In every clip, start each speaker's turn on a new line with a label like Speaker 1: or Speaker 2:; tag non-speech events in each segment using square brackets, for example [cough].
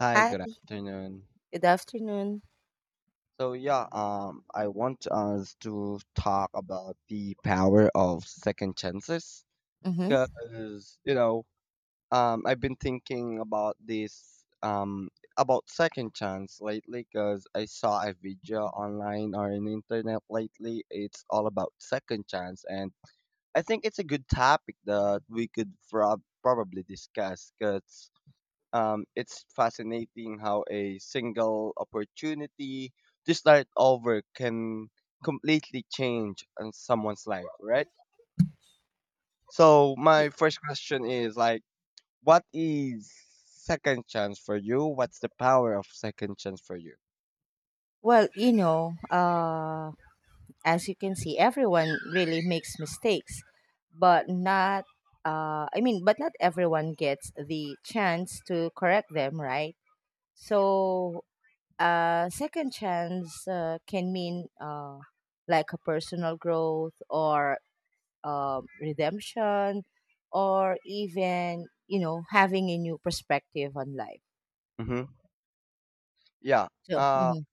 Speaker 1: Hi, good
Speaker 2: Hi,
Speaker 1: afternoon.
Speaker 2: good afternoon.
Speaker 1: So yeah, I want us to talk about the power of second chances,
Speaker 2: Mm-hmm.
Speaker 1: because you know, I've been thinking about this, about second chance lately, because I saw a video online or on internet lately. It's all about second chance, and I think it's a good topic that we could probably discuss, because it's fascinating how a single opportunity to start over can completely change on someone's life, right? So my first question is like, what is second chance for you? What's the power of second chance for you?
Speaker 2: Well, you know, as you can see, everyone really makes mistakes, but not, but not everyone gets the chance to correct them, right? So, second chance can mean like a personal growth or redemption, or even, you know, having a new perspective on life.
Speaker 1: hmm Yeah.
Speaker 2: So,
Speaker 1: Uh,
Speaker 2: mm-hmm,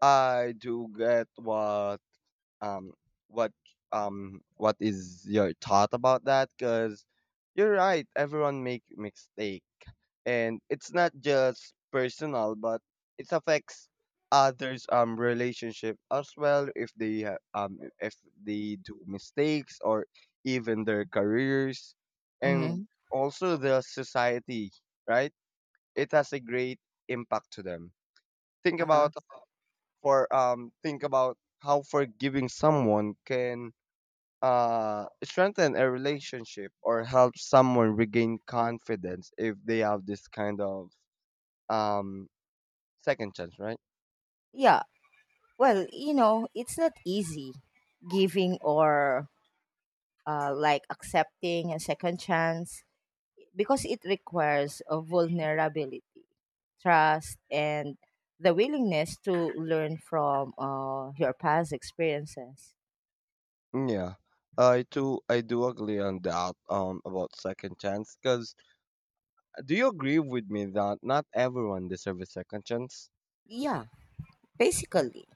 Speaker 1: I do get um what what is your thought about that? Because you're right. Everyone make mistake and it's not just personal but it affects others relationship as well if they do mistakes or even their careers
Speaker 2: mm-hmm,
Speaker 1: and also the society, right, it has a great impact to them. think
Speaker 2: uh huh.
Speaker 1: about think about how forgiving someone can strengthen a relationship or help someone regain confidence if they have this kind of um second chance, right?
Speaker 2: Yeah, well, you know, it's not easy giving or like accepting a second chance because it requires a vulnerability, trust, and the willingness to learn from your past experiences.
Speaker 1: Yeah, I do agree on that about second chance. Cause do you agree with me that not everyone deserves a second chance?
Speaker 2: Yeah, basically.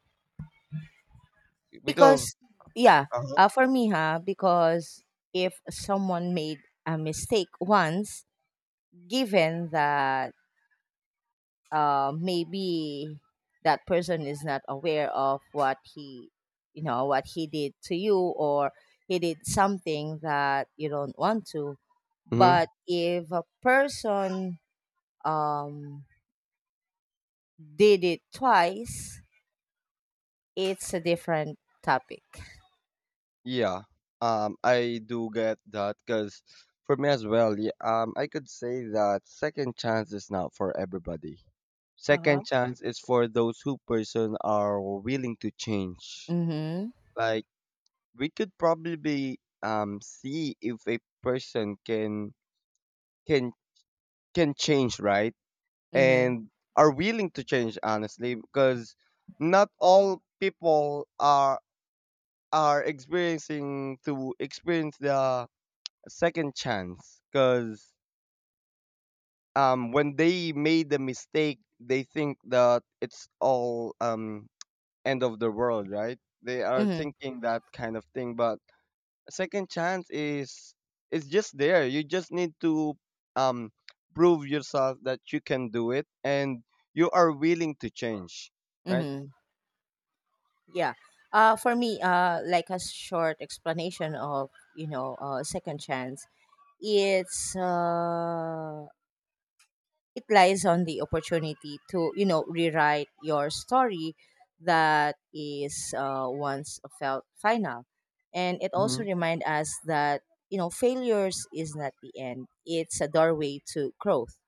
Speaker 1: Because
Speaker 2: Because, yeah,
Speaker 1: uh-huh.
Speaker 2: for me, because if someone made a mistake once, given that maybe that person is not aware of what he did to you, or he did something that you don't want to.
Speaker 1: hmm
Speaker 2: But if a person, um, did it twice, it's a different topic.
Speaker 1: yeah, I do get that. Cause for me as well, yeah, I could say that second chance is not for everybody.
Speaker 2: Uh-huh.
Speaker 1: Second chance is for those who person are willing to change.
Speaker 2: Mm-hmm.
Speaker 1: Like we could probably see if a person can can can change, right?
Speaker 2: Mm-hmm.
Speaker 1: And are willing to change honestly because not all people are experiencing to experience the second chance because when they made the mistake they think that it's all end of the world, right, they are
Speaker 2: Mm-hmm.
Speaker 1: thinking that kind of thing. But a second chance is, it's just there. You just need to um prove yourself that you can do it and you are willing to change, right?
Speaker 2: Mm-hmm. Yeah. For me, like a short explanation of, you know, second chance. It's uh, it lies on the opportunity to, you know, rewrite your story that is, once felt final, and it also
Speaker 1: hmm
Speaker 2: reminds us that, you know, failures is not the end. It's a doorway to growth.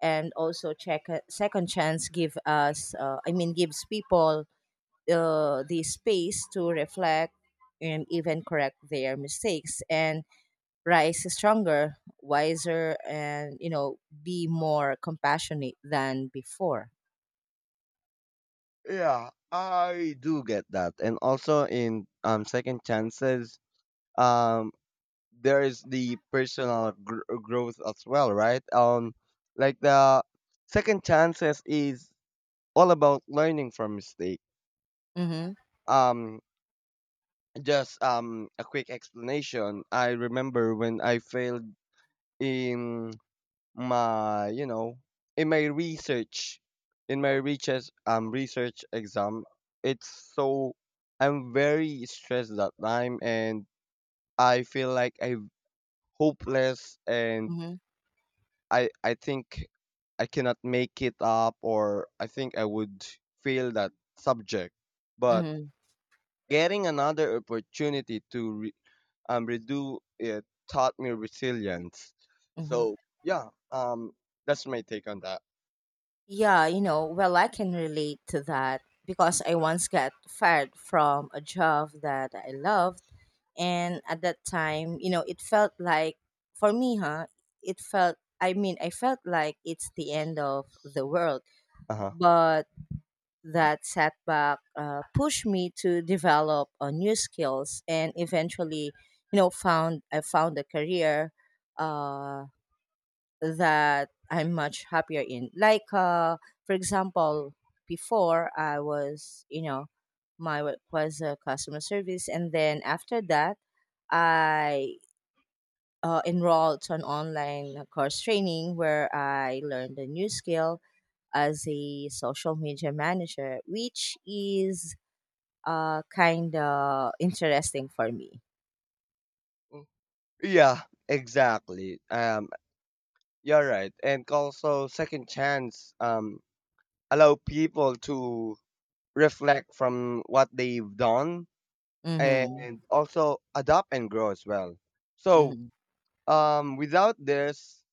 Speaker 2: And also check, second chance give us, gives people the space to reflect and even correct their mistakes and rise stronger, wiser, and, you know, be more compassionate than before.
Speaker 1: Yeah, I do get that. And also in second chances, um there is the personal growth as well, right? Like the second chances is all about learning from mistake.
Speaker 2: Mm-hmm.
Speaker 1: Um Just a quick explanation. I remember when I failed in my, you know, in my research, in my research exam. It's so I'm very stressed that time, and I feel like I'm hopeless, and
Speaker 2: Mm-hmm.
Speaker 1: I think I cannot make it up, or I think I would fail that subject. But
Speaker 2: Mm-hmm.
Speaker 1: getting another opportunity to redo it taught me resilience.
Speaker 2: Mm-hmm.
Speaker 1: So yeah, that's my take on that.
Speaker 2: Yeah, you know, well, I can relate to that because I once got fired from a job that I loved, and at that time, you know, it felt like for me. Huh? It felt. I mean, I felt like it's the end of the world.
Speaker 1: Uh huh.
Speaker 2: But that setback pushed me to develop new skills, and eventually, you know, found I found a career uh, that I'm much happier in. Like, for example, before, I was, you know, my work was customer service, and then after that, I enrolled to an online course training where I learned a new skill as a social media manager, which is, kind of interesting for me.
Speaker 1: Yeah, exactly. You're right, and also second chance. Allow people to reflect from what they've done
Speaker 2: Mm-hmm.
Speaker 1: and also adapt and grow as well. So,
Speaker 2: Mm-hmm.
Speaker 1: without this,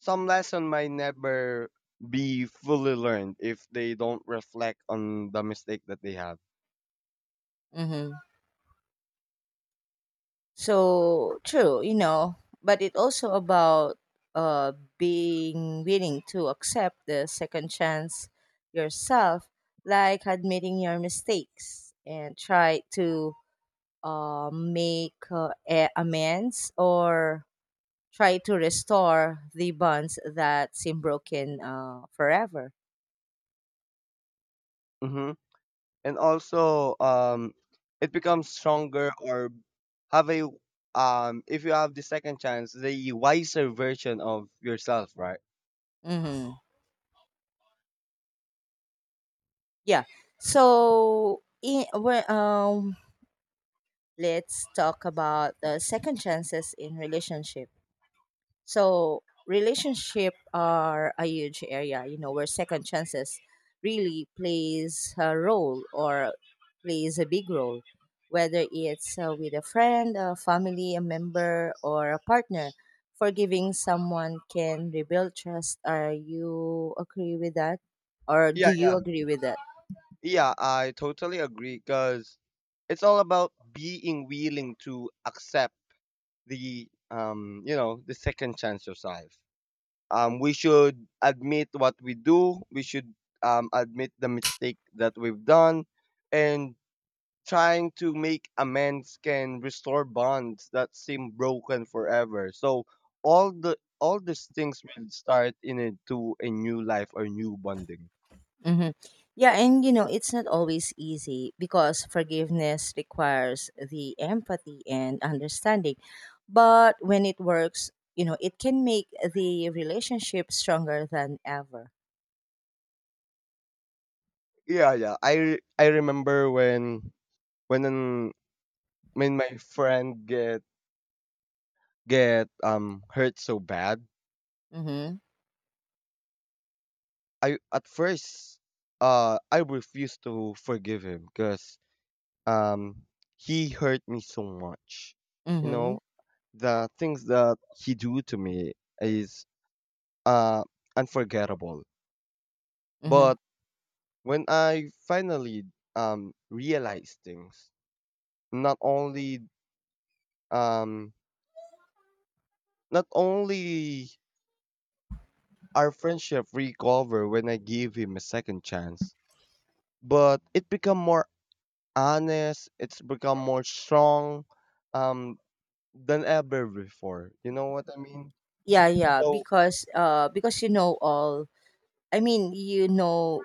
Speaker 1: some lesson might never be fully learned if they don't reflect on the mistake that they have.
Speaker 2: Mm-hmm. So true, you know, but it also about, being willing to accept the second chance yourself, like admitting your mistakes and try to, make, amends, or try to restore the bonds that seem broken, forever.
Speaker 1: Mm-hmm. And also it becomes stronger or have a, if you have the second chance, the wiser version of yourself, right?
Speaker 2: Mm-hmm. Yeah. So, let's talk about the second chances in relationship. So, relationship are a huge area, you know, where second chances really plays a role or plays a big role, whether it's with a friend, a family, a member, or a partner. Forgiving someone can rebuild trust. Are you agree with that, or
Speaker 1: Yeah,
Speaker 2: do you
Speaker 1: yeah,
Speaker 2: agree with that?
Speaker 1: yeah, I totally agree because it's all about being willing to accept the, you know, the second chance yourself. We should admit what we do. We should admit the mistake that we've done and trying to make amends can restore bonds that seem broken forever. So all these things will start in a, to a new life or new bonding.
Speaker 2: Hmm. Yeah, and you know, it's not always easy because forgiveness requires the empathy and understanding. But when it works, you know, it can make the relationship stronger than ever.
Speaker 1: Yeah, yeah. I remember when when an, when my friend get hurt so bad.
Speaker 2: Mm-hmm.
Speaker 1: I at first I refused to forgive him because um he hurt me so much. You
Speaker 2: Mm-hmm.
Speaker 1: know, the things that he do to me is uh, unforgettable.
Speaker 2: Mm-hmm.
Speaker 1: But when I finally realized things, not only um, not only our friendship recover when I gave him a second chance, but it become more honest. It's become more strong, um, than ever before. You know what I mean?
Speaker 2: Yeah, yeah,
Speaker 1: So
Speaker 2: because you know all, I mean, you know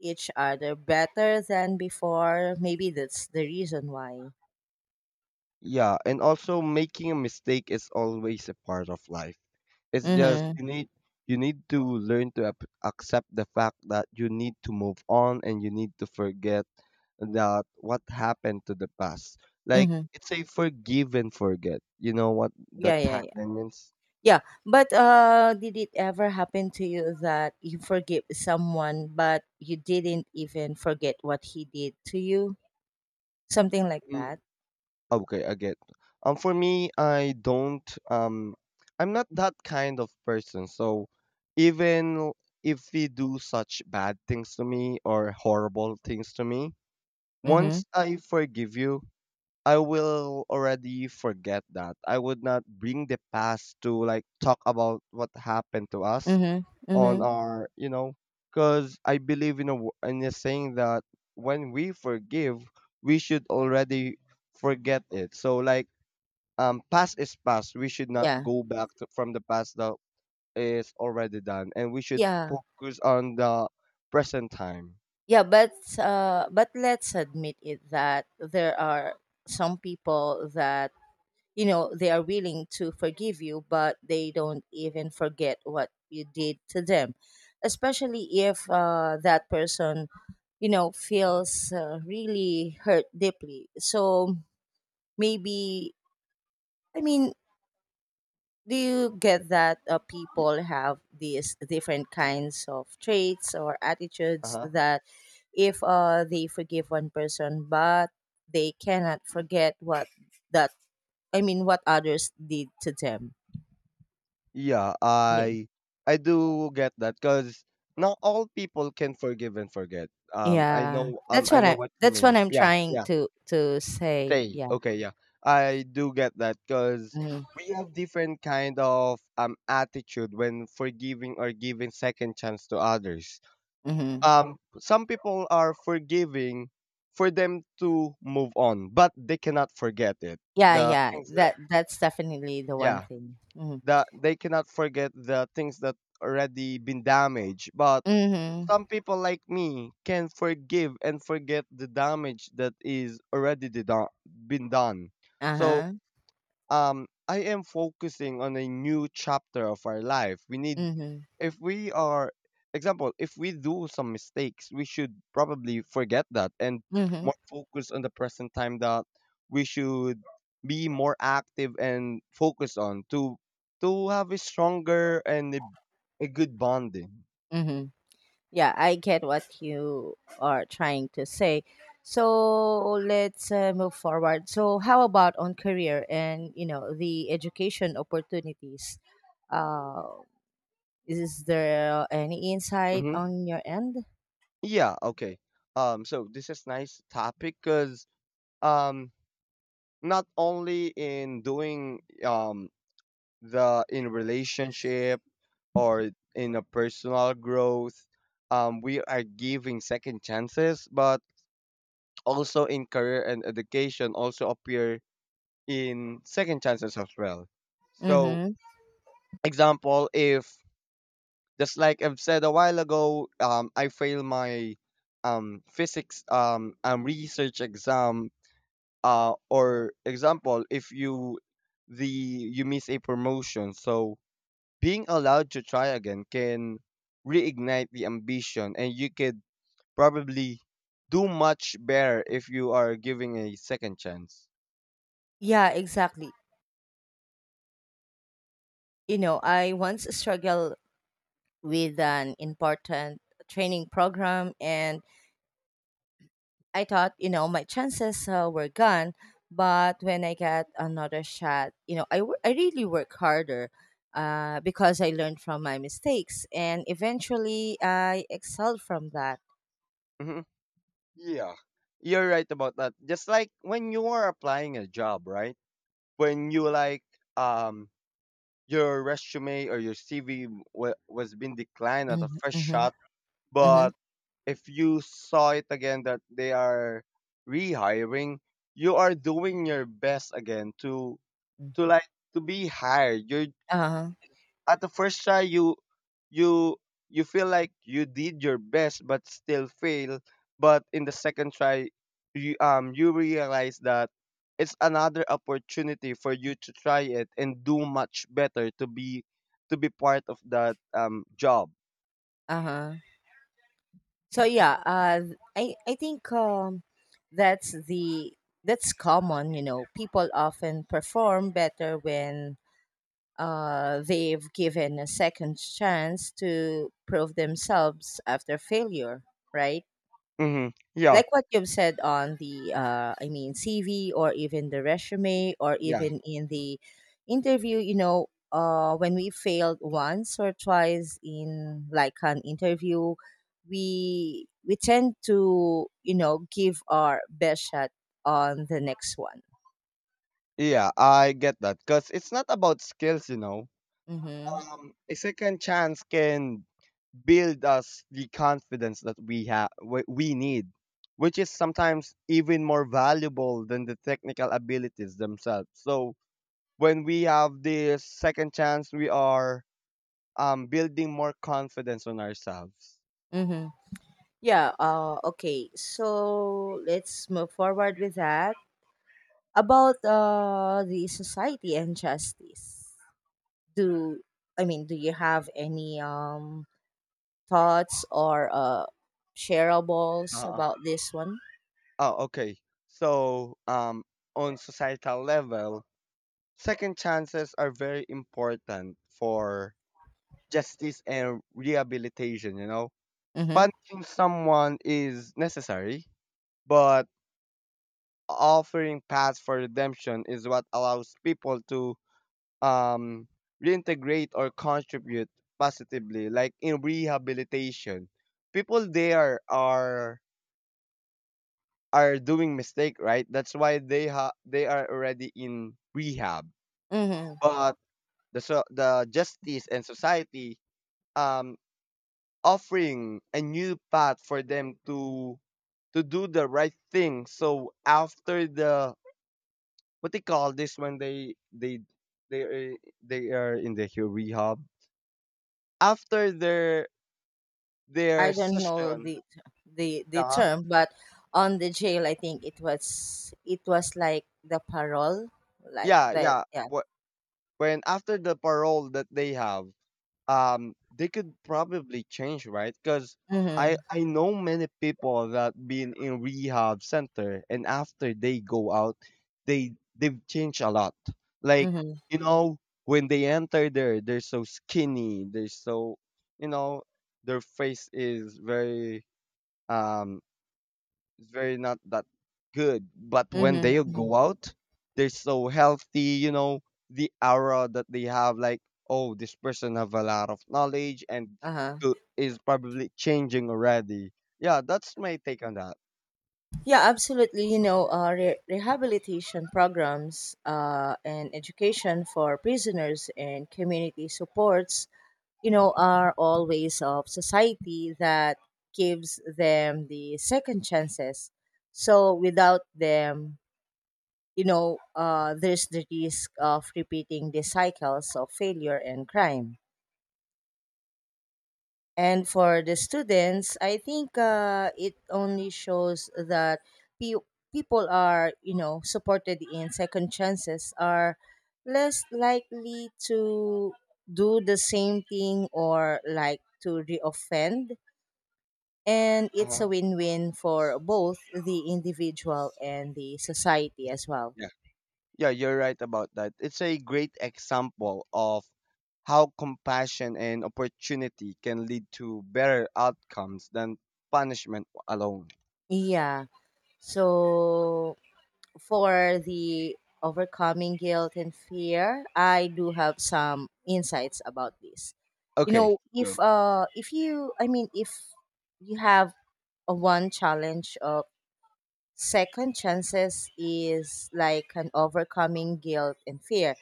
Speaker 2: each other better than before. Maybe that's the reason why.
Speaker 1: yeah, and also making a mistake is always a part of life. It's just
Speaker 2: Mm-hmm.
Speaker 1: you need, you need to learn to accept the fact that you need to move on and you need to forget that what happened to the past. Like
Speaker 2: Mm-hmm.
Speaker 1: it's a forgive and forget. You know what the
Speaker 2: Yeah, yeah,
Speaker 1: tagline means?
Speaker 2: yeah, but did it ever happen to you that you forgive someone, but you didn't even forget what he did to you? Something like
Speaker 1: Mm.
Speaker 2: that.
Speaker 1: Okay, I get. For me, I don't. Um, I'm not that kind of person. So, even if they do such bad things to me or horrible things to me,
Speaker 2: Mm-hmm.
Speaker 1: once I forgive you, I will already forget that. I would not bring the past to like talk about what happened to us
Speaker 2: Mm-hmm. Mm-hmm.
Speaker 1: on our, you know, because I believe in a in a saying that when we forgive, we should already forget it. So like, past is past. We should not
Speaker 2: Yeah.
Speaker 1: go back to, from the past that is already done, and we should
Speaker 2: Yeah.
Speaker 1: focus on the present time.
Speaker 2: Yeah. But let's admit it that there are some people that, you know, they are willing to forgive you, but they don't even forget what you did to them, especially if, that person, you know, feels, really hurt deeply. So maybe, i mean do you get that,
Speaker 1: Y-
Speaker 2: people have these different kinds of traits or attitudes
Speaker 1: uh-huh.
Speaker 2: that, if, they forgive one person, but they cannot forget what that I mean what others did to them?
Speaker 1: Yeah,
Speaker 2: Yeah,
Speaker 1: I do get that because not all people can forgive and forget. I
Speaker 2: yeah,
Speaker 1: know. I know what you
Speaker 2: that's
Speaker 1: mean.
Speaker 2: what I'm
Speaker 1: Yeah,
Speaker 2: trying
Speaker 1: yeah.
Speaker 2: to say.
Speaker 1: Say
Speaker 2: Yeah.
Speaker 1: okay. Yeah, I do get that because
Speaker 2: Hmm.
Speaker 1: we have different kind of attitude when forgiving or giving second chance to others.
Speaker 2: Hmm.
Speaker 1: Some people are forgiving for them to move on but they cannot forget it,
Speaker 2: Yeah,
Speaker 1: the
Speaker 2: yeah,
Speaker 1: things that
Speaker 2: that's definitely the one
Speaker 1: yeah,
Speaker 2: thing. Mhm.
Speaker 1: that they cannot forget the things that already been damaged. But
Speaker 2: Mhm.
Speaker 1: some people like me can forgive and forget the damage that is already been done. So
Speaker 2: Uh-huh.
Speaker 1: I am focusing on a new chapter of our life. We need,
Speaker 2: Mhm.
Speaker 1: if we are example, if we do some mistakes, we should probably forget that and
Speaker 2: Mhm.
Speaker 1: more focus on the present time, that we should be more active and focus on to have a stronger and a good bonding.
Speaker 2: Mhm. Yeah, I get what you are trying to say. So let's, move forward. So how about on career and, you know, the education opportunities? Uh, is there any insight
Speaker 1: hmm
Speaker 2: on your end?
Speaker 1: Yeah, okay. So this is nice topic cuz um not only in doing the in relationship or in a personal growth, we are giving second chances but also in career and education also appear in second chances as well. So
Speaker 2: Mm-hmm.
Speaker 1: example, if just like I've said a while ago, I failed my physics research exam, or example if you the you miss a promotion, so being allowed to try again can reignite the ambition and you could probably do much better if you are giving a second chance.
Speaker 2: Yeah, exactly. You know, I once struggled with an important training program, and I thought, you know, my chances were gone. But when I got another shot, you know, I really work harder because I learned from my mistakes. And eventually, I excelled from that.
Speaker 1: hmm Yeah, you're right about that. Just like when you are applying a job, right? When you like um your resume or your CV was been declined at a
Speaker 2: Mm-hmm,
Speaker 1: first
Speaker 2: mm-hmm,
Speaker 1: shot,
Speaker 2: mm-hmm.
Speaker 1: but if you saw it again that they are rehiring, you are doing your best again to, to like to be hired. You're
Speaker 2: Uh-huh,
Speaker 1: at the first try, you you you feel like you did your best but still fail, but in the second try, you, you realize that it's another opportunity for you to try it and do much better to be, to be part of that job.
Speaker 2: uh-huh. So yeah, I think, that's the that's common, you know. People often perform better when, they've given a second chance to prove themselves after failure, right?
Speaker 1: Mm-hmm. Yeah,
Speaker 2: Like what you've said on the CV, or even the resume, or
Speaker 1: yeah,
Speaker 2: even in the interview, you know, when we failed once or twice in like an interview, we tend to, you know, give our best shot on the next one.
Speaker 1: yeah, I get that because it's not about skills, you know,
Speaker 2: Mm-hmm.
Speaker 1: a second chance can build us the confidence that we have, we need, which is sometimes even more valuable than the technical abilities themselves. So when we have this second chance, we are building more confidence on ourselves.
Speaker 2: Mm-hmm. Yeah, okay. So let's move forward with that. About the society and justice. Do I mean do you have any, thoughts or shareables
Speaker 1: uh,
Speaker 2: about this one?
Speaker 1: oh okay. So on societal level, second chances are very important for justice and rehabilitation, you know.
Speaker 2: Mm-hmm.
Speaker 1: Punishing someone is necessary, but offering paths for redemption is what allows people to um, reintegrate or contribute positively, like in rehabilitation. People there are doing mistake, right? That's why they they are already in rehab.
Speaker 2: Mm-hmm.
Speaker 1: But the justice and society um offering a new path for them to do the right thing. So after the, what they call this, when they they are, they are in the rehab, after their
Speaker 2: I don't know
Speaker 1: session.
Speaker 2: the
Speaker 1: Uh,
Speaker 2: term, but on the jail I think it was like the parole. Like
Speaker 1: yeah,
Speaker 2: that,
Speaker 1: yeah.
Speaker 2: yeah.
Speaker 1: What, when after the parole that they have, they could probably change, right? Because i
Speaker 2: Mm-hmm.
Speaker 1: i know many people that been in rehab center and after they go out, they they've changed a lot. Like,
Speaker 2: Mm-hmm.
Speaker 1: you know, when they enter there they're so skinny, they're so, you know, their face is very um it's very not that good. But
Speaker 2: Mm-hmm.
Speaker 1: when they
Speaker 2: Mm-hmm.
Speaker 1: go out, they're so healthy, you know, the aura that they have, like, oh, this person have a lot of knowledge and
Speaker 2: Uh-huh.
Speaker 1: is probably changing already. Yeah, that's my take on that.
Speaker 2: Yeah, absolutely. You know, rehabilitation programs and education for prisoners and community supports, you know, are all ways of society that gives them the second chances. So without them, you know, there's the risk of repeating the cycles of failure and crime. And for the students, I think it only shows that pe- people are, you know, supported in second chances are less likely to do the same thing or like to reoffend. And it's
Speaker 1: Uh-huh.
Speaker 2: a win win for both the individual and the society as well.
Speaker 1: Yeah. Yeah, you're right about that. It's a great example of how compassion and opportunity can lead to better outcomes than punishment alone.
Speaker 2: Yeah. So for the overcoming guilt and fear, I do have some insights about this. You
Speaker 1: Okay,
Speaker 2: know,
Speaker 1: go.
Speaker 2: if you I mean if you have a one challenge of second chances is like an overcoming guilt and fear.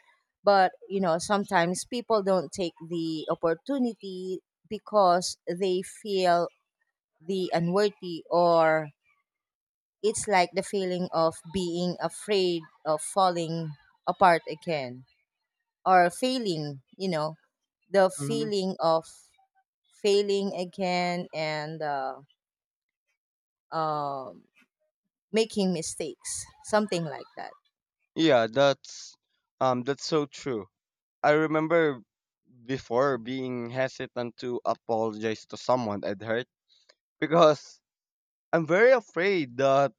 Speaker 2: But you know, sometimes people don't take the opportunity because they feel the unworthy, or it's like the feeling of being afraid of falling apart again or failing, you know, the feeling of failing again and, um making mistakes, something like that.
Speaker 1: Yeah, that's so true. I remember before being hesitant to apologize to someone I'd hurt because I'm very afraid that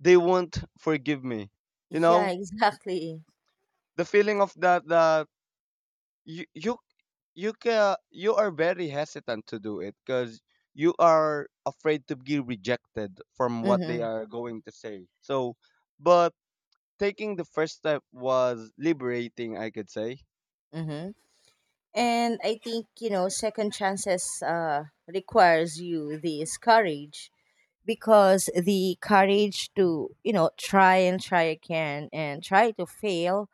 Speaker 1: they won't forgive me. You
Speaker 2: Yeah,
Speaker 1: know,
Speaker 2: [laughs] exactly.
Speaker 1: the feeling of that you you you can you are very hesitant to do it because you are afraid to be rejected from what they
Speaker 2: Mm-hmm.
Speaker 1: are going to say. So, but taking the first step was liberating, I could say.
Speaker 2: Mm-hmm. And I think, you know, second chances requires you this courage because the courage to, you know, try and try again and try to fail,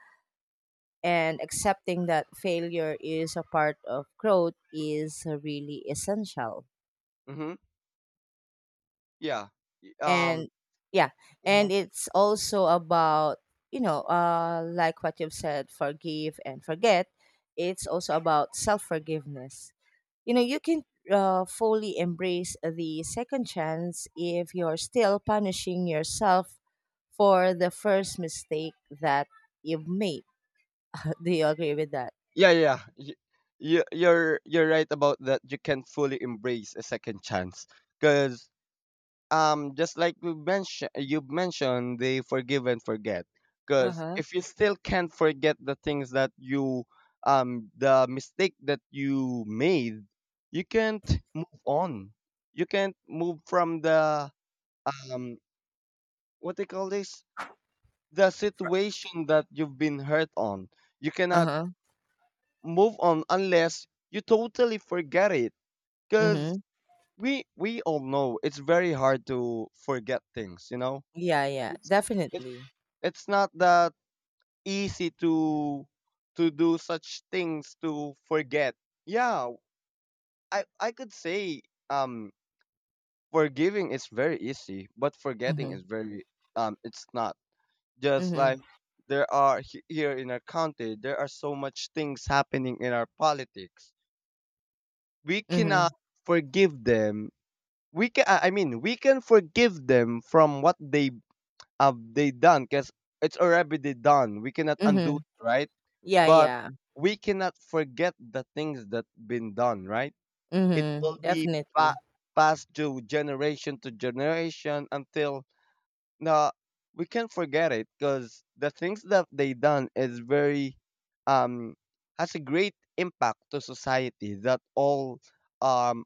Speaker 2: and accepting that failure is a part of growth is really essential.
Speaker 1: Mhm. Yeah. Y- Um.
Speaker 2: And yeah,
Speaker 1: Uh-huh.
Speaker 2: and it's also about, you know, like what you've said, forgive and forget. It's also about self forgiveness. You know, you can, fully embrace the second chance if you're still punishing yourself for the first mistake that you've made. [laughs] Do you agree with that?
Speaker 1: Yeah, yeah. You're you're right about that. You can fully embrace a second chance because just like we mentioned, you mentioned, they forgive and forget. Because
Speaker 2: Uh-huh.
Speaker 1: if you still can't forget the things that you, the mistake that you made, you can't move on. You can't move from the um what they call this, the
Speaker 2: For-
Speaker 1: situation that you've been hurt on. You cannot
Speaker 2: uh-huh.
Speaker 1: move on unless you totally forget it, because
Speaker 2: Mm-hmm.
Speaker 1: we all know it's very hard to forget things, you know.
Speaker 2: Yeah, yeah,
Speaker 1: It's it's
Speaker 2: definitely.
Speaker 1: it's not that easy to do such things, to forget. Yeah, I could say, um forgiving is very easy, but forgetting
Speaker 2: Mhm,
Speaker 1: is very it's not, just
Speaker 2: mhm,
Speaker 1: like, there are here in our country there are so much things happening in our politics, we
Speaker 2: mhm,
Speaker 1: cannot forgive them. We can, I mean, we can forgive them from what they have they done because it's already done. We cannot undo
Speaker 2: mhm.
Speaker 1: it, right?
Speaker 2: Yeah,
Speaker 1: But
Speaker 2: yeah.
Speaker 1: we cannot forget the things that been done, right? It
Speaker 2: Mhm,
Speaker 1: will be
Speaker 2: definitely.
Speaker 1: pa- passed to generation until no, we can't forget it because the things that they done is very um has a great impact to society that um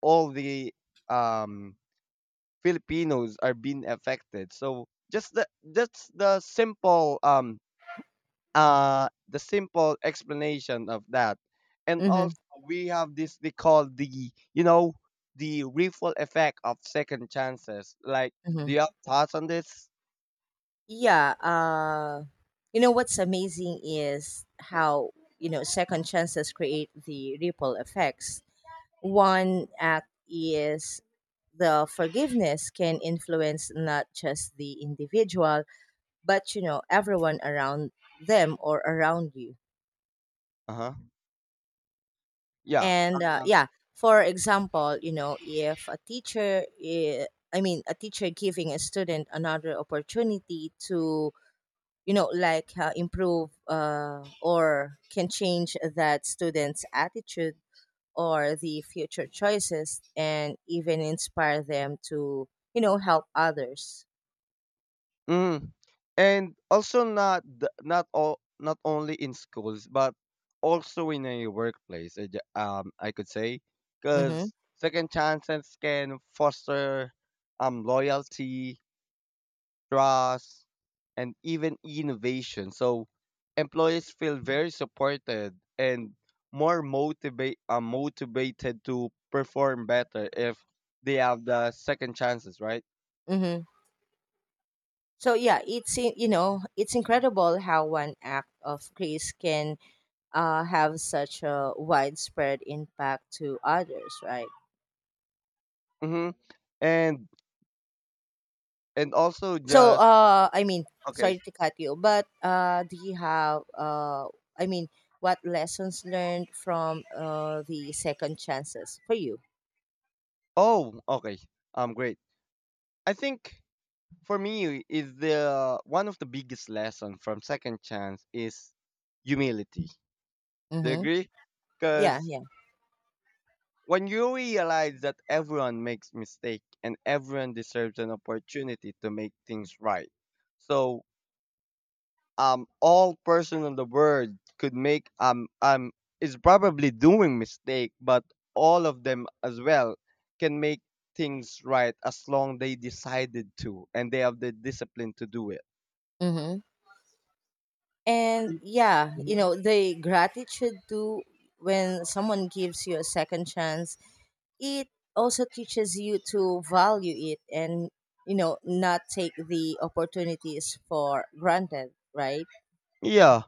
Speaker 1: all the um, Filipinos are being affected. So just the that's the simple explanation of that. And
Speaker 2: Mhm,
Speaker 1: also we have this, they call the, you know, the ripple effect of second chances. Like, do you
Speaker 2: mhm.
Speaker 1: have thoughts on this?
Speaker 2: Yeah. You know what's amazing is how, second chances create the ripple effects. One act is the forgiveness can influence not just the individual, but you know everyone around them or around you.
Speaker 1: Uh huh. Yeah.
Speaker 2: And yeah, for example, you know, if a teacher, I mean, a teacher giving a student another opportunity to, you know, like, improve, or can change that student's attitude, or the future choices, and even inspire them to, you know, help others.
Speaker 1: Mhm. And also not the not all not only in schools, but also in a workplace. I could say
Speaker 2: Mm-hmm.
Speaker 1: because second chances can foster loyalty, trust, and even innovation. So employees feel very supported and more motivated to perform better if they have the second chances, right?
Speaker 2: Mm-hmm. So yeah, it's in- you know, it's incredible how one act of grace can, have such a widespread impact to others, right?
Speaker 1: Mm-hmm. And and also
Speaker 2: So,
Speaker 1: just okay.
Speaker 2: sorry to cut you, but do you have, I mean, what lessons learned from, the second chances for you?
Speaker 1: Oh, okay. Great. I think for me is the one of the biggest lesson from Second Chance is humility. Do you
Speaker 2: Mm-hmm.
Speaker 1: agree?
Speaker 2: Yeah,
Speaker 1: Because
Speaker 2: yeah.
Speaker 1: when you realize that everyone makes mistake and everyone deserves an opportunity to make things right, so all person in the world could make is probably doing mistake, but all of them as well can make things right as long they decided to and they have the discipline to do it.
Speaker 2: Mm-hmm. And yeah, you
Speaker 1: Mhm.
Speaker 2: know, the gratitude too, when someone gives you a second chance, it also teaches you to value it and, you know, not take the opportunities for granted, right?
Speaker 1: Yeah,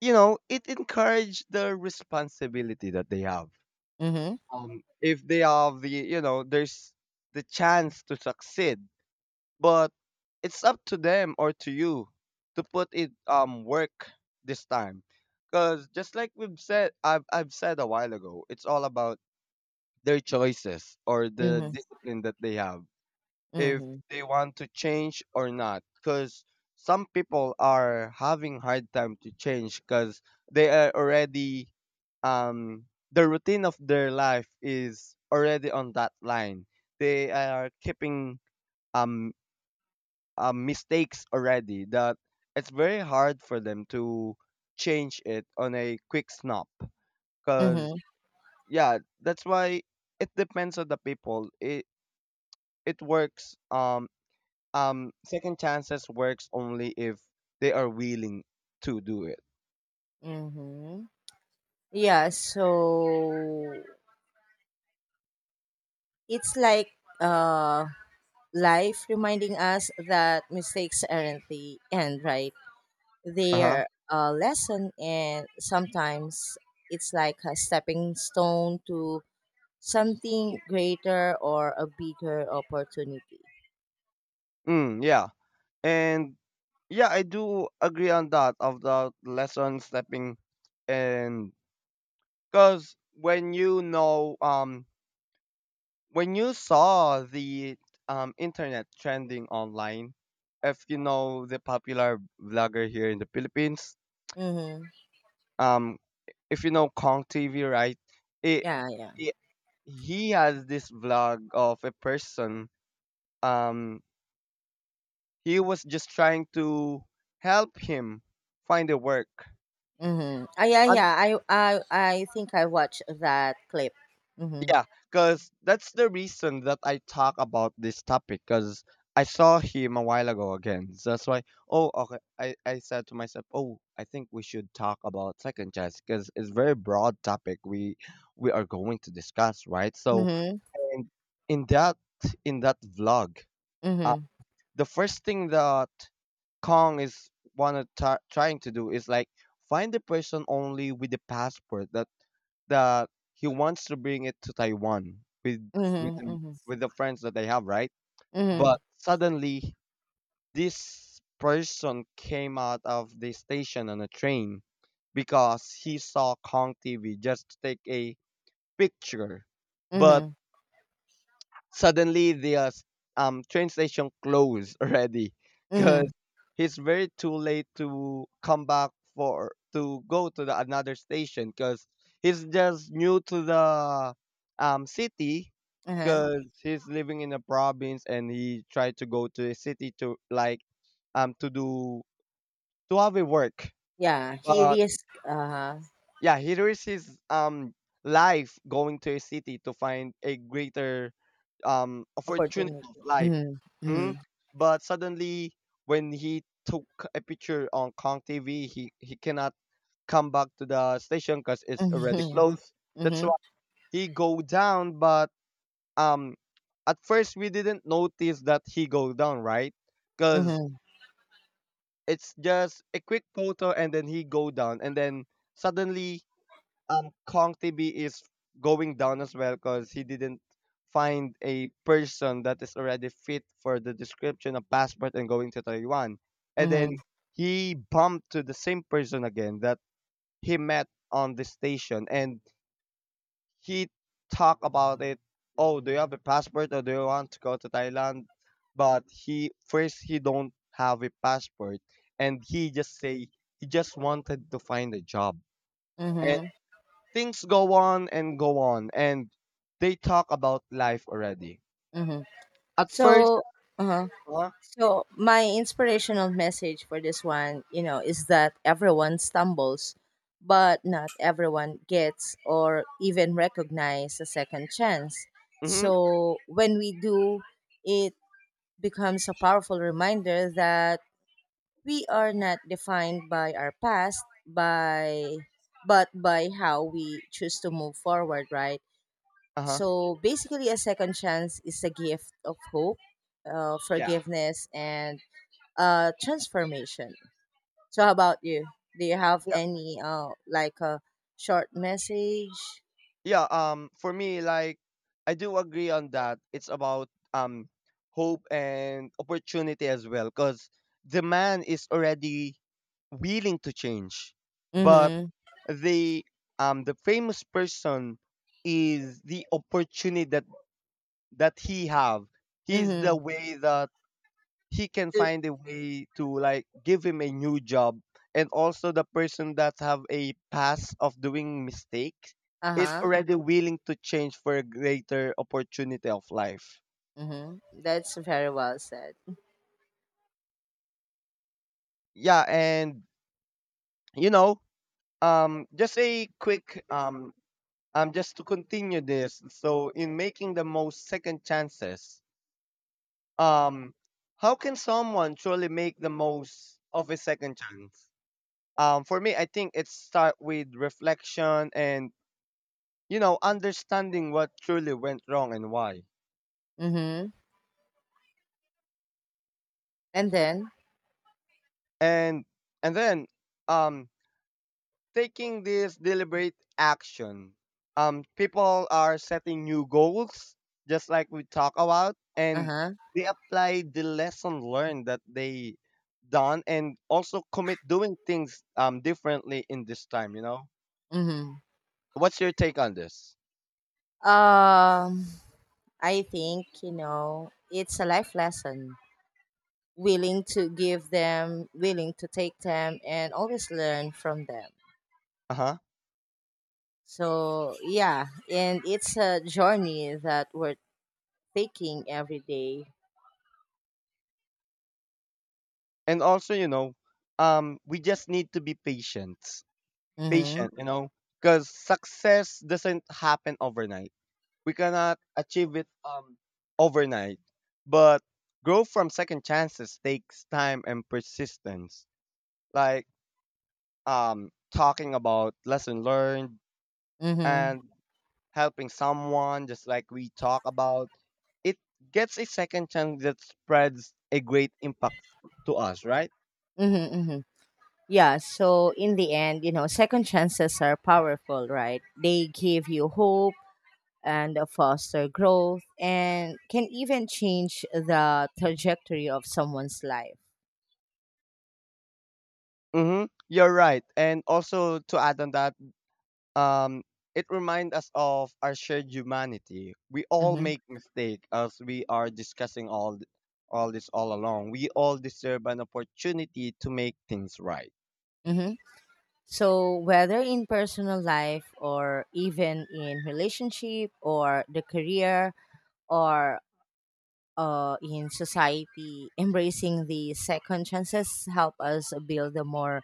Speaker 1: you know, it encourage the responsibility that they have.
Speaker 2: Mm
Speaker 1: If they have the, you know, there's the chance to succeed. But it's up to them or to you to put it work this time. Cause just like we've said, I've said a while ago, it's all about their choices or
Speaker 2: hmm.
Speaker 1: the
Speaker 2: Mm
Speaker 1: discipline that they have.
Speaker 2: hmm. Mm
Speaker 1: If
Speaker 2: hmm.
Speaker 1: they want to change or not. Cause some people are having hard time to change because they are already um the routine of their life is already on that line. They are keeping um mistakes already that it's very hard for them to change it on a quick snap,
Speaker 2: Mm
Speaker 1: because
Speaker 2: hmm.
Speaker 1: yeah, that's why it depends on the people. It works second chances works only if they are willing to do it.
Speaker 2: Mm-hmm. Yeah, so it's like, uh, life reminding us that mistakes aren't the end, right?
Speaker 1: Uh-huh.
Speaker 2: Their, lesson, and sometimes it's like a stepping stone to something greater or a bigger opportunity.
Speaker 1: Mm, yeah. And yeah, I do agree on that of the lesson stepping in, because when you know when you saw the internet trending online, if you know the popular vlogger here in the Philippines,
Speaker 2: Mm-hmm.
Speaker 1: um if you know Kong TV, right? It,
Speaker 2: Yeah, yeah.
Speaker 1: it he has this vlog of a person, um he was just trying to help him find a work.
Speaker 2: Mm-hmm. Ah. Yeah, yeah, I think I watched that clip. Mm-hmm.
Speaker 1: Yeah, because that's the reason that I talk about this topic. Because I saw him a while ago again. So that's why, oh, okay. I said to myself, oh, I think we should talk about second chance because it's very broad topic we are going to discuss, right? So
Speaker 2: Mm-hmm.
Speaker 1: in in that in that vlog,
Speaker 2: Mm-hmm.
Speaker 1: the first thing that Kong is wanna try trying to do is like find the person only with the passport that he wants to bring it to Taiwan with with him-
Speaker 2: Mm-hmm.
Speaker 1: with the friends that they have, right?
Speaker 2: Mm-hmm.
Speaker 1: But suddenly this person came out of the station on a train because he saw Kong TV just to take a picture.
Speaker 2: Mm-hmm.
Speaker 1: But
Speaker 2: Mm-hmm.
Speaker 1: suddenly the train station closed [laughs] already because
Speaker 2: Mm-hmm.
Speaker 1: it's very too late to come back for to go to the another station because he's just new to the city,
Speaker 2: Uh-huh.
Speaker 1: because he's living in a province and he tried to go to the city to like um to do to have a work.
Speaker 2: Yeah, he
Speaker 1: But
Speaker 2: risk
Speaker 1: yeah, he risks his life going to a city to find a greater opportunity of
Speaker 2: opportunity.
Speaker 1: life.
Speaker 2: Mm-hmm. Mm-hmm.
Speaker 1: Mhm. But suddenly, when he took a picture on Kong TV, he cannot come back to the station because it's already
Speaker 2: Mm-hmm.
Speaker 1: closed. That's
Speaker 2: Mm-hmm.
Speaker 1: why he go down. But um, at first we didn't notice that he go down, right? Because it's just a quick photo, and then he go down, and then suddenly Kong TB is going down as well because he didn't find a person that is already fit for the description of passport and going to Taiwan. And
Speaker 2: Mm-hmm.
Speaker 1: then he bumped to the same person again that he met on the station and he talked about it. Oh, do you have a passport or do you want to go to Thailand? But he don't have a passport, and he just say he just wanted to find a job.
Speaker 2: Mm-hmm.
Speaker 1: Things go on and they talk about life already
Speaker 2: Mm-hmm.
Speaker 1: at first.
Speaker 2: So Uh-huh.
Speaker 1: Uh,
Speaker 2: So my inspirational message for this one, you know, is that everyone stumbles, but not everyone gets or even recognize a second chance.
Speaker 1: mm-hmm,
Speaker 2: So when we do, it becomes a powerful reminder that we are not defined by our past, by but by how we choose to move forward, right?
Speaker 1: uh-huh,
Speaker 2: So basically, a second chance is a gift of hope,
Speaker 1: yeah
Speaker 2: forgiveness, and transformation. So, how about you? Do you have
Speaker 1: yeah.
Speaker 2: any, like a short message?
Speaker 1: Yeah, for me, like, I do agree on that. It's about hope and opportunity as well, because the man is already willing to change, but
Speaker 2: Mm-hmm.
Speaker 1: the the famous person is the opportunity that he have. He's the
Speaker 2: Mm-hmm.
Speaker 1: way that he can find a way to like give him a new job. And also the person that have a past of doing mistakes
Speaker 2: Uh
Speaker 1: is
Speaker 2: huh.
Speaker 1: already willing to change for a greater opportunity of life.
Speaker 2: Mm-hmm. That's very well said.
Speaker 1: Yeah, and you know, just a quick just to continue this, so in making the most second chances, um how can someone truly make the most of a second chance? For me, I think it start with reflection and, you know, understanding what truly went wrong and why.
Speaker 2: Mm-hmm. And then,
Speaker 1: And and then um taking this deliberate action, people are setting new goals, just like we talk about,
Speaker 2: uh
Speaker 1: and
Speaker 2: huh.
Speaker 1: they apply the lesson learned that they done, and also commit doing things differently in this time, you know.
Speaker 2: Mm-hmm.
Speaker 1: What's your take on this?
Speaker 2: Um, I think, you know, it's a life lesson, willing to give them, willing to take them, and always learn from them.
Speaker 1: Uh-huh.
Speaker 2: So, yeah, and it's a journey that we're taking every day.
Speaker 1: And also, you know, we just need to be patient
Speaker 2: Mm-hmm.
Speaker 1: patient, you know, because success doesn't happen overnight. We cannot achieve it overnight, but growth from second chances takes time and persistence. Like, talking about lesson learned
Speaker 2: Mm-hmm.
Speaker 1: and helping someone, just like we talk about, it gets a second chance that spreads a great impact to us, right?
Speaker 2: Mm-hmm. Mm-hmm. Yeah, so in the end, you know, second chances are powerful, right? They give you hope and foster growth, and can even change the trajectory of someone's life.
Speaker 1: Mm-hmm. You're right, and also to add on that, um, it reminds us of our shared humanity. We all
Speaker 2: Mm-hmm.
Speaker 1: make mistakes as we are discussing all this all along. We all deserve an opportunity to make things right.
Speaker 2: Mm-hmm. So, whether in personal life, or even in relationship, or the career, or, in society, embracing the second chances help us build a more,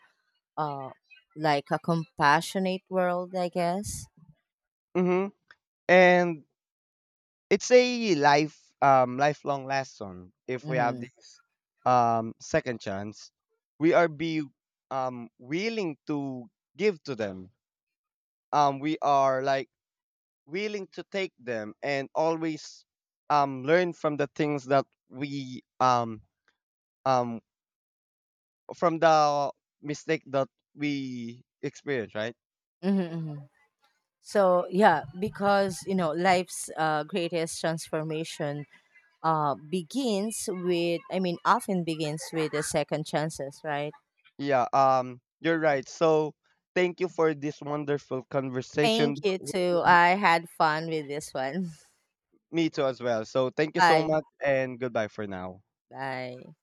Speaker 2: uh, like a compassionate world, I guess.
Speaker 1: Hmm. And it's a lifelong lesson. If we have
Speaker 2: Mm-hmm.
Speaker 1: this second chance, we are be willing to give to them. We are like willing to take them and always learn from the things that we um from the mistake that we experience, right?
Speaker 2: Mm-hmm, hmm. So yeah, because you know life's, greatest transformation, begins with, I mean, often begins with the second chances, right?
Speaker 1: Yeah, you're right. So thank you for this wonderful
Speaker 2: Thank
Speaker 1: conversation.
Speaker 2: you too. I had fun with this one.
Speaker 1: Me too as well, so thank
Speaker 2: [laughs]
Speaker 1: you so
Speaker 2: Bye.
Speaker 1: much and goodbye for now.
Speaker 2: Bye.